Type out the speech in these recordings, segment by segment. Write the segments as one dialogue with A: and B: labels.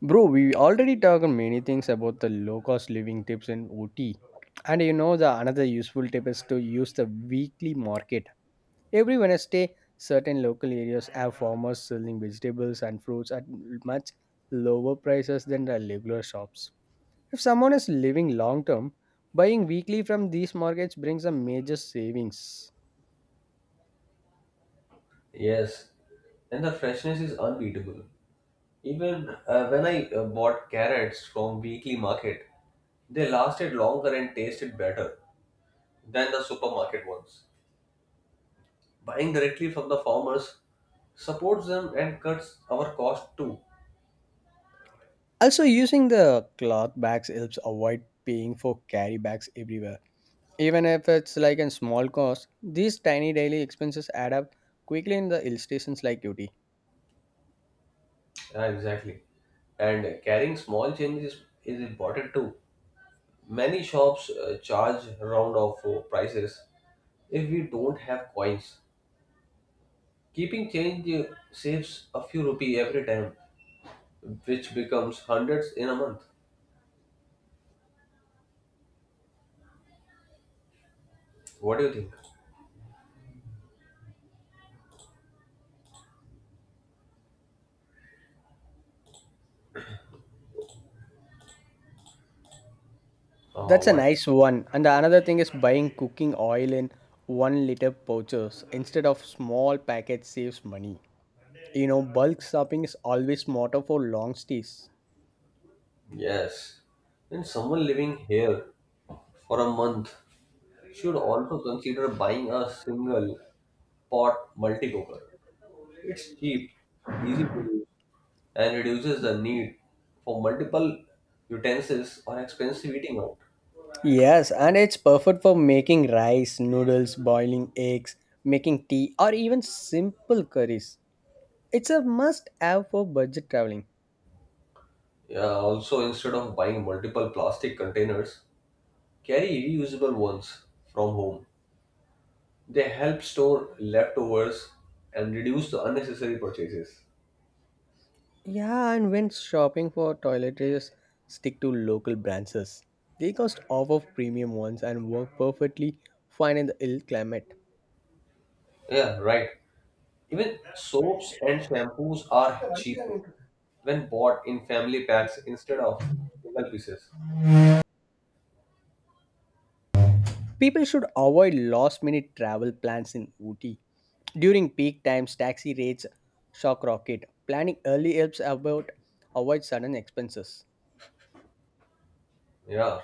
A: Bro, we already talked many things about the low cost living tips in OT. And you know the another useful tip is to use the weekly market. Every Wednesday, certain local areas have farmers selling vegetables and fruits at much lower prices than the regular shops. If someone is living long term, buying weekly from these markets brings a major savings.
B: Yes, and the freshness is unbeatable. Even when I bought carrots from weekly market, they lasted longer and tasted better than the supermarket ones. Buying directly from the farmers supports them and cuts our cost too.
A: Also, using the cloth bags helps avoid paying for carry bags everywhere. Even if it's like a small cost, these tiny daily expenses add up quickly in the illustrations like UT.
B: Yeah, exactly. And carrying small change is important too. Many shops charge round off prices if we don't have coins. Keeping change saves a few rupee every time, which becomes hundreds in a month. What do you think? Uh,
A: That's a
B: what?
A: nice one. And the another thing is buying cooking oil in 1 liter pouches instead of small packets saves money. You know, bulk shopping is always smarter for long stays.
B: Yes. Then someone living here for a month should also consider buying a single pot multi-cooker. It's cheap, easy to use, and reduces the need for multiple utensils or expensive eating out.
A: Yes, and it's perfect for making rice, noodles, boiling eggs, making tea, or even simple curries. It's a must have for budget traveling.
B: Yeah, also, instead of buying multiple plastic containers, carry reusable ones from home. They help store leftovers and reduce the unnecessary purchases.
A: Yeah, and when shopping for toiletries, stick to local branches. They cost off of premium ones and work perfectly fine in the ill climate.
B: Yeah, right. Even soaps and shampoos are cheaper when bought in family packs instead of single pieces.
A: People should avoid last minute travel plans in Ooty. During peak times, taxi rates shock rocket. Planning early helps about avoid sudden expenses.
B: Yeah.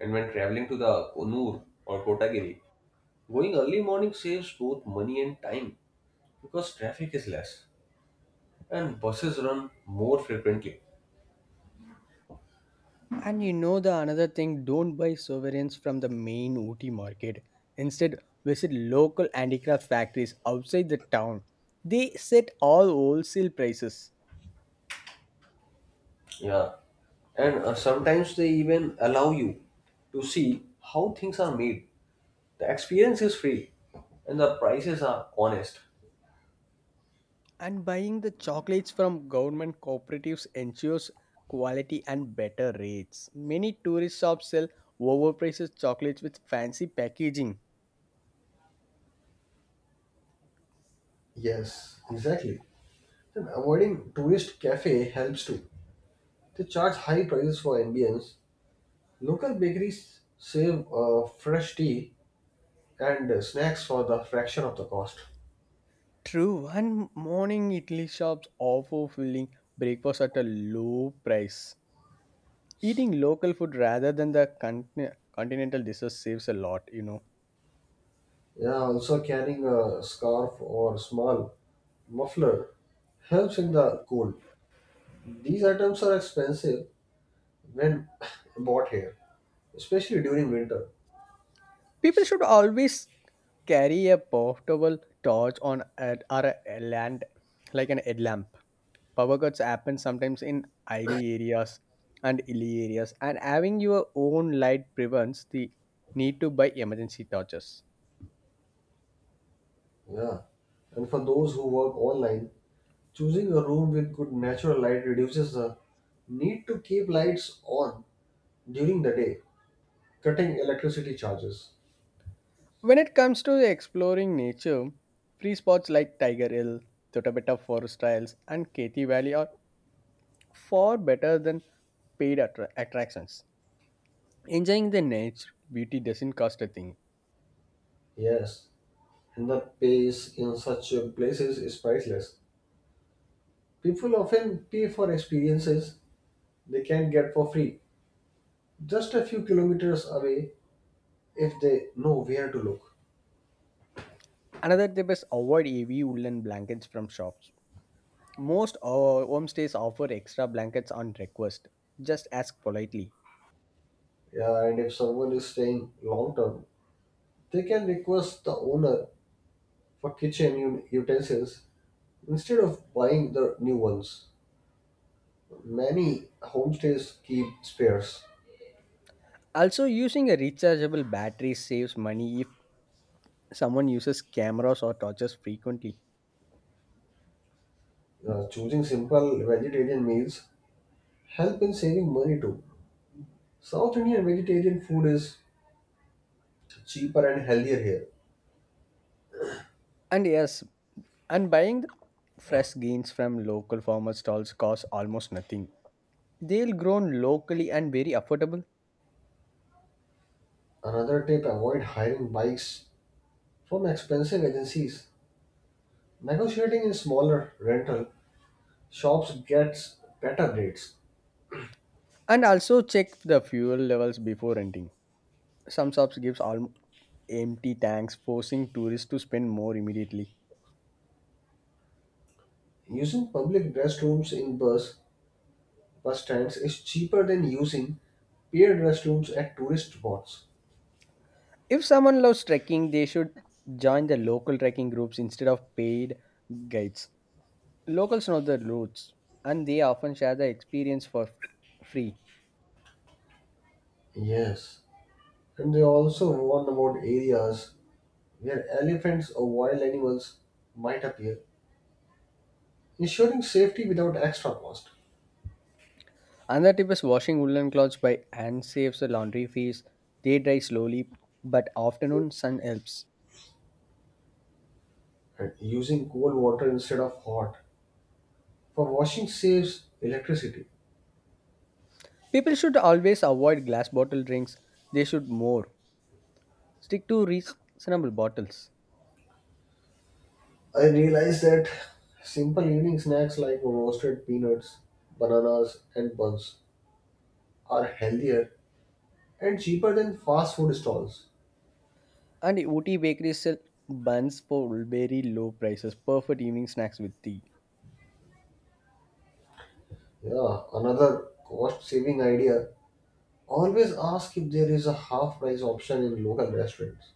B: And when traveling to the Konur or Kotagiri, going early morning saves both money and time because traffic is less and buses run more frequently.
A: And you know the another thing, don't buy sovereigns from the main OT market. Instead, visit local handicraft factories outside the town. They set all wholesale prices.
B: Yeah. And sometimes they even allow you to see how things are made. The experience is free and the prices are honest.
A: And buying the chocolates from government cooperatives ensures quality and better rates. Many tourist shops sell overpriced chocolates with fancy packaging.
B: Yes, exactly. Then avoiding tourist cafe helps too. They charge high prices for ambience. Local bakeries save fresh tea and snacks for the fraction of the cost.
A: True, one morning Italy shops offer filling breakfast at a low price. Eating local food rather than the continental dishes saves a lot, you know.
B: Yeah, also carrying a scarf or small muffler helps in the cold. These items are expensive when bought here, especially during winter.
A: People should always carry a portable torch on at or a land like an headlamp. Power cuts happen sometimes in hilly areas, and hilly areas and having your own light prevents the need to buy emergency torches.
B: Yeah. And for those who work online, choosing a room with good natural light reduces the need to keep lights on during the day, cutting electricity charges.
A: When it comes to exploring nature, free spots like Tiger Hill, Totapeta forest trails and Kethi Valley are far better than paid attractions. Enjoying the nature beauty doesn't cost a thing.
B: Yes, and the pace in such places is priceless. People often pay for experiences they can get for free, just a few kilometers away if they know where to look.
A: Another tip is avoid heavy woolen blankets from shops. Most homestays offer extra blankets on request. Just ask politely.
B: Yeah, and if someone is staying long term, they can request the owner for kitchen utensils. Instead of buying the new ones, many homestays keep spares.
A: Also, using a rechargeable battery saves money if someone uses cameras or torches frequently.
B: Choosing simple vegetarian meals help in saving money too. South Indian vegetarian food is cheaper and healthier here.
A: And yes, and buying the fresh greens from local farmer stalls costs almost nothing. They'll grown locally and very affordable.
B: Another tip: avoid hiring bikes from expensive agencies. Negotiating in smaller rental shops gets better rates.
A: And also check the fuel levels before renting. Some shops gives all empty tanks, forcing tourists to spend more immediately.
B: Using public restrooms in bus stands is cheaper than using paid restrooms at tourist spots.
A: If someone loves trekking, they should join the local trekking groups instead of paid guides. Locals know the routes, and they often share the experience for free.
B: Yes, and they also warn about areas where elephants or wild animals might appear, ensuring safety without extra cost.
A: Another tip is washing woolen clothes by hand saves the laundry fees. They dry slowly, but afternoon sun helps.
B: And using cold water instead of hot for washing saves electricity.
A: People should always avoid glass bottle drinks. They should more stick to reasonable bottles.
B: I realized that simple evening snacks like roasted peanuts, bananas, and buns are healthier and cheaper than fast food stalls.
A: And OT bakeries sell buns for very low prices. Perfect evening snacks with tea.
B: Yeah, another cost saving idea: always ask if there is a half price option in local restaurants.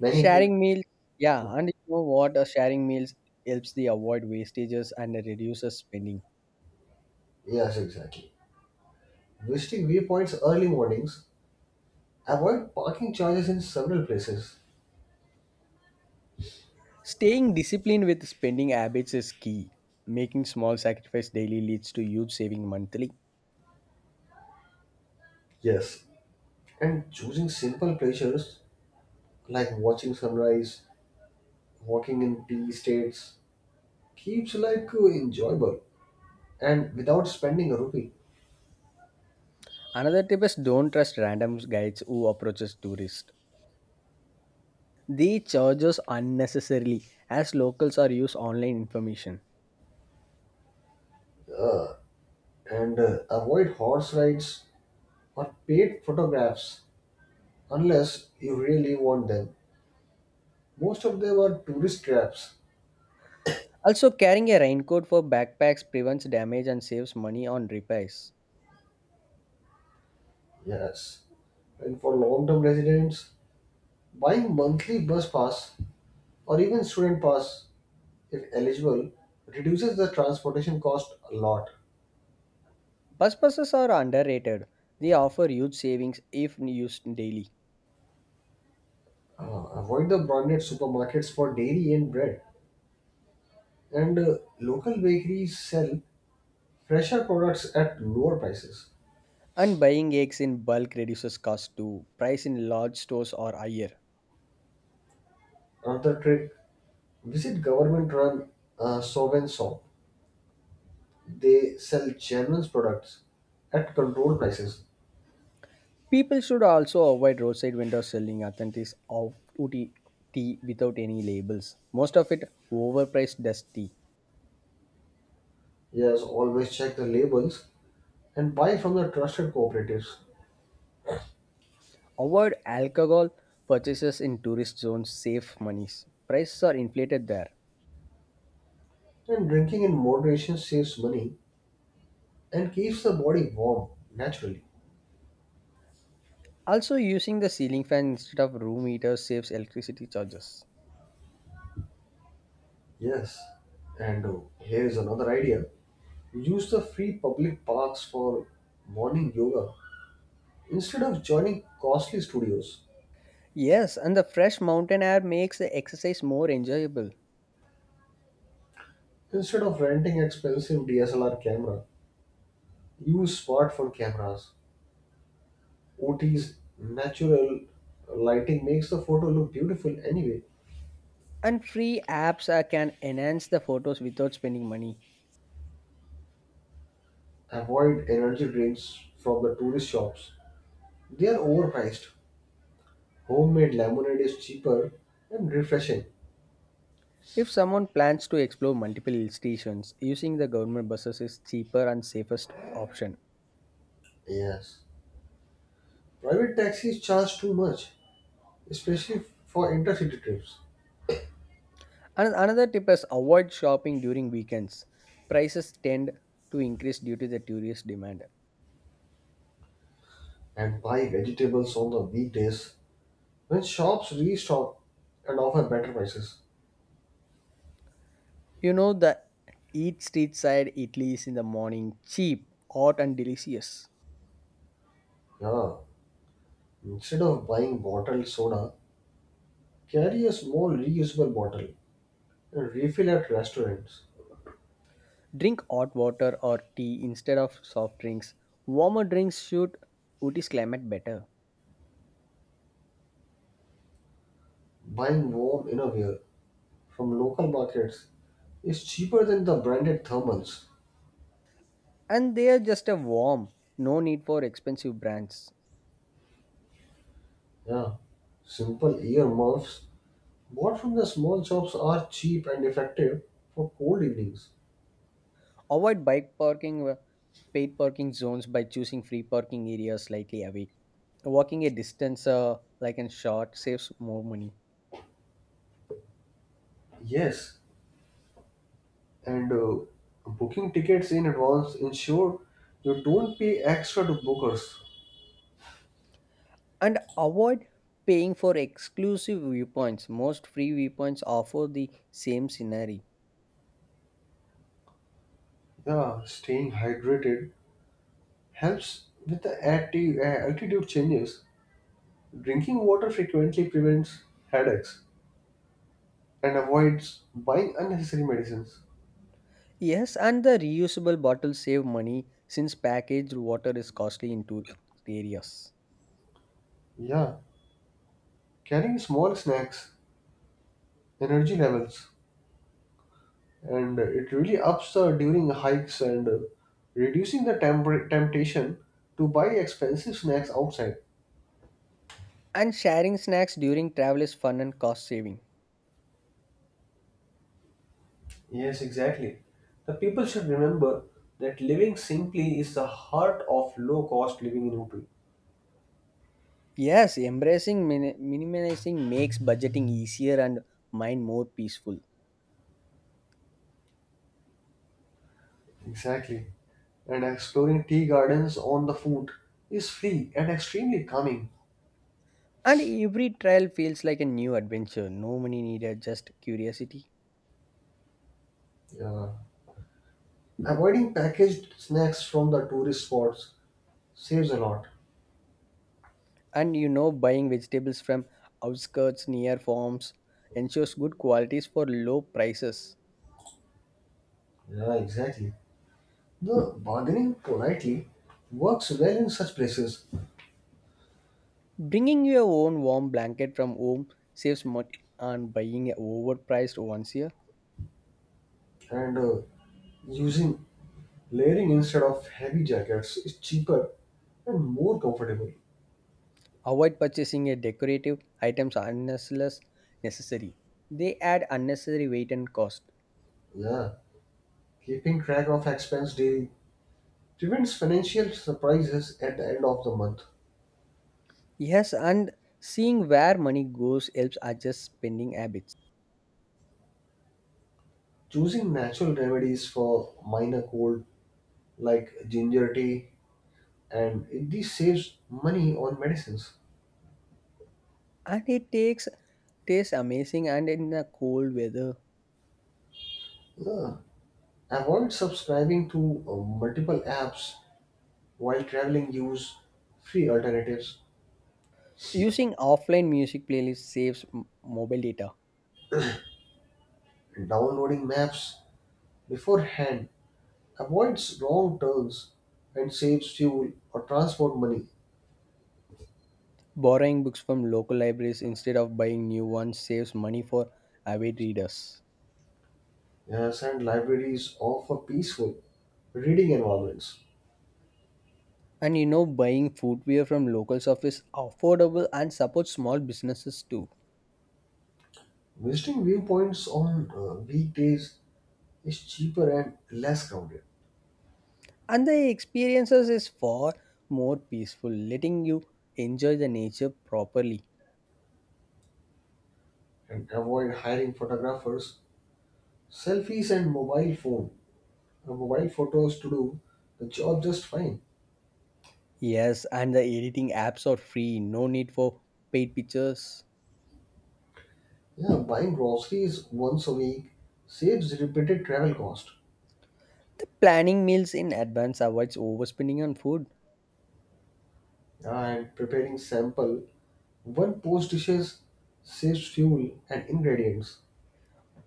B: Many give.
A: Sharing meals, yeah, and you know what? Sharing meals helps the avoid wastages and reduces spending.
B: Yes, exactly. Visiting viewpoints early mornings, avoid parking charges in several places.
A: Staying disciplined with spending habits is key. Making small sacrifice daily leads to huge saving monthly.
B: Yes. And choosing simple pleasures like watching sunrise, walking in tea estates keeps life enjoyable and without spending a rupee.
A: Another tip is don't trust random guides who approaches tourists. They charge us unnecessarily as locals are use online information.
B: And avoid horse rides or paid photographs unless you really want them. Most of them are tourist traps.
A: Also, carrying a raincoat for backpacks prevents damage and saves money on repairs.
B: Yes. And for long-term residents, buying monthly bus pass or even student pass if eligible reduces the transportation cost a lot.
A: Bus passes are underrated. They offer huge savings if used daily.
B: Avoid the branded supermarkets for dairy and bread, and local bakeries sell fresher products at lower prices.
A: And buying eggs in bulk reduces cost too. Price in large stores are higher.
B: Another trick: visit government run sob shop. They sell genuine products at controlled prices.
A: People should also avoid roadside vendors selling authentic of tea tea without any labels. Most of it overpriced dust tea.
B: Yes, always check the labels and buy from the trusted cooperatives.
A: Avoid alcohol purchases in tourist zones save monies. Prices are inflated there.
B: And drinking in moderation saves money and keeps the body warm naturally.
A: Also, using the ceiling fan instead of room heater saves electricity charges.
B: Yes, and here's another idea. Use the free public parks for morning yoga instead of joining costly studios.
A: Yes, and the fresh mountain air makes the exercise more enjoyable.
B: Instead of renting expensive DSLR camera, use smartphone cameras. OT's natural lighting makes the photo look beautiful anyway.
A: And free apps can enhance the photos without spending money.
B: Avoid energy drinks from the tourist shops. They are overpriced. Homemade lemonade is cheaper and refreshing.
A: If someone plans to explore multiple hill stations, using the government buses is cheaper and safest option.
B: Yes. Private taxis charge too much, especially for intercity trips.
A: And another tip is avoid shopping during weekends. Prices tend to increase due to the tourist demand.
B: And buy vegetables on the weekdays when shops restock and offer better prices.
A: You know the eat street side Italy's in the morning, cheap, hot and delicious.
B: Yeah, instead of buying bottled soda, carry a small reusable bottle and refill at restaurants.
A: Drink hot water or tea instead of soft drinks. Warmer drinks suit Uti's climate better.
B: Buying warm innerwear from local markets is cheaper than the branded thermals.
A: And they are just a warm, no need for expensive brands.
B: Yeah, simple earmuffs bought from the small shops are cheap and effective for cold evenings.
A: Avoid bike parking, paid parking zones by choosing free parking areas slightly away. Walking a distance like in short saves more money.
B: Yes, and booking tickets in advance ensure you don't pay extra to bookers.
A: And avoid paying for exclusive viewpoints. Most free viewpoints offer the same scenery.
B: Yeah, staying hydrated helps with the altitude changes. Drinking water frequently prevents headaches and avoids buying unnecessary medicines.
A: Yes, and the reusable bottles save money since packaged water is costly in tourist areas.
B: Yeah, carrying small snacks, energy levels, and it really ups during hikes and reducing the temptation to buy expensive snacks outside.
A: And sharing snacks during travel is fun and cost saving.
B: Yes, exactly. The people should remember that living simply is the heart of low cost living in Upi.
A: Yes, embracing minimizing makes budgeting easier and mind more peaceful.
B: Exactly. And exploring tea gardens on the foot is free and extremely calming.
A: And every trial feels like a new adventure. No money needed, just curiosity.
B: Yeah, avoiding packaged snacks from the tourist spots saves a lot.
A: And you know, buying vegetables from outskirts near farms ensures good qualities for low prices.
B: Yeah, exactly. The bargaining politely works well in such places.
A: Bringing your own warm blanket from home saves money on buying a overpriced ones here.
B: And using layering instead of heavy jackets is cheaper and more comfortable.
A: Avoid purchasing a decorative items unless necessary. They add unnecessary weight and cost.
B: Yeah. Keeping track of expense daily prevents financial surprises at the end of the month.
A: Yes, and seeing where money goes helps adjust spending habits.
B: Choosing natural remedies for minor cold like ginger tea and this saves money on medicines.
A: And it takes tastes amazing and in a cold weather.
B: Uh, Avoid subscribing to multiple apps while traveling. Use free alternatives.
A: Using offline music playlists saves mobile data.
B: Downloading maps beforehand avoids wrong turns and saves fuel or transport money.
A: Borrowing books from local libraries instead of buying new ones saves money for avid readers.
B: Yes, and libraries offer peaceful reading environments.
A: And you know, buying footwear from local shops is affordable and supports small businesses too.
B: Visiting viewpoints on weekdays is cheaper and less crowded.
A: And the experiences is far more peaceful, letting you enjoy the nature properly.
B: And avoid hiring photographers. Selfies and mobile photos to do the job just fine.
A: Yes, and the editing apps are free, no need for paid pictures.
B: Yeah, buying groceries once a week saves repeated travel cost.
A: The planning meals in advance avoids overspending on food.
B: Yeah, and preparing sample one post dishes saves fuel and ingredients.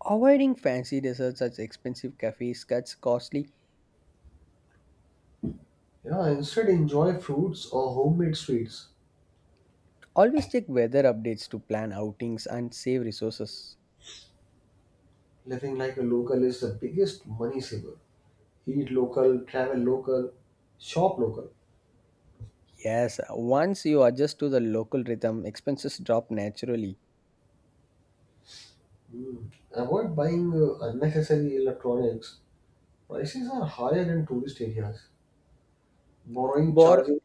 A: Avoiding fancy desserts such expensive cafes cuts costly.
B: Yeah, instead enjoy fruits or homemade sweets.
A: Always check weather updates to plan outings and save resources.
B: Living like a local is the biggest money saver. Eat local, travel local, shop local.
A: Yes, once you adjust to the local rhythm, expenses drop naturally.
B: Hmm. Avoid buying unnecessary electronics. Prices are higher in tourist areas. Borrowing
A: Bor-
B: charges.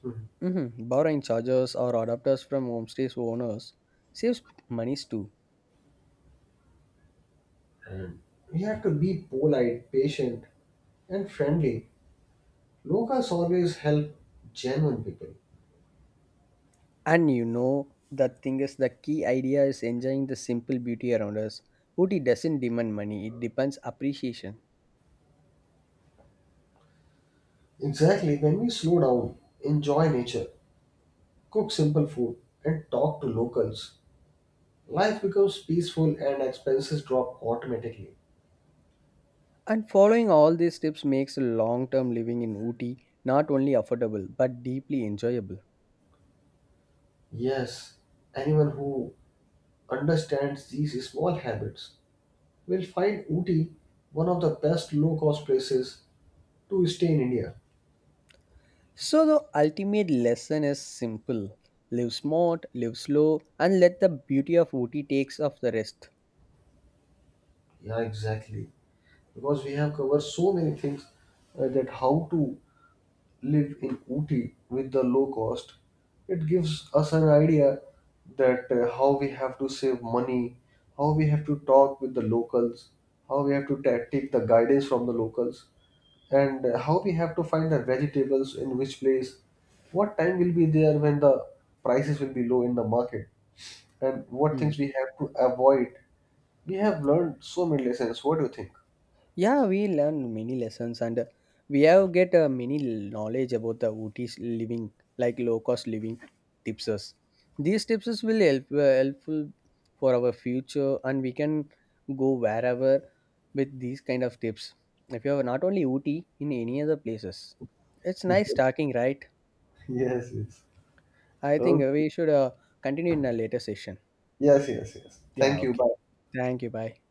B: Hmm.
A: mhm, borrowing chargers or adapters from homestays owners saves monies too.
B: And we have to be polite, patient, and friendly. Locals always help genuine people.
A: And you know, the thing is, the key idea is enjoying the simple beauty around us. Ooty doesn't demand money, it depends appreciation.
B: Exactly, when we slow down, enjoy nature, cook simple food, and talk to locals, life becomes peaceful and expenses drop automatically.
A: And following all these tips makes long term living in Ooty not only affordable but deeply enjoyable.
B: Yes, anyone who understands these small habits will find Ooty one of the best low cost places to stay in India.
A: So, the ultimate lesson is simple. Live smart, live slow, and let the beauty of Ooty takes off the rest.
B: Yeah, exactly. Because we have covered so many things, that how to live in Ooty with the low cost. It gives us an idea that how we have to save money, how we have to talk with the locals, how we have to take the guidance from the locals, and how we have to find the vegetables in which place, what time will be there when the prices will be low in the market, and what
A: Hmm.
B: things we have to avoid. We have learned so many lessons. What do you think?
A: Yeah, we learn many lessons and we have get many knowledge about the Ooty's living, like low cost living tips us. These tips us will help helpful for our future, and we can go wherever with these kind of tips. If you have not only Ooty in any other places, it's nice talking, right?
B: Yes, yes.
A: I think
B: Okay.
A: we should continue in a later session.
B: Yes, yes, yes.
A: Yeah,
B: Thank you.
A: okay.
B: Bye.
A: Thank you. Bye.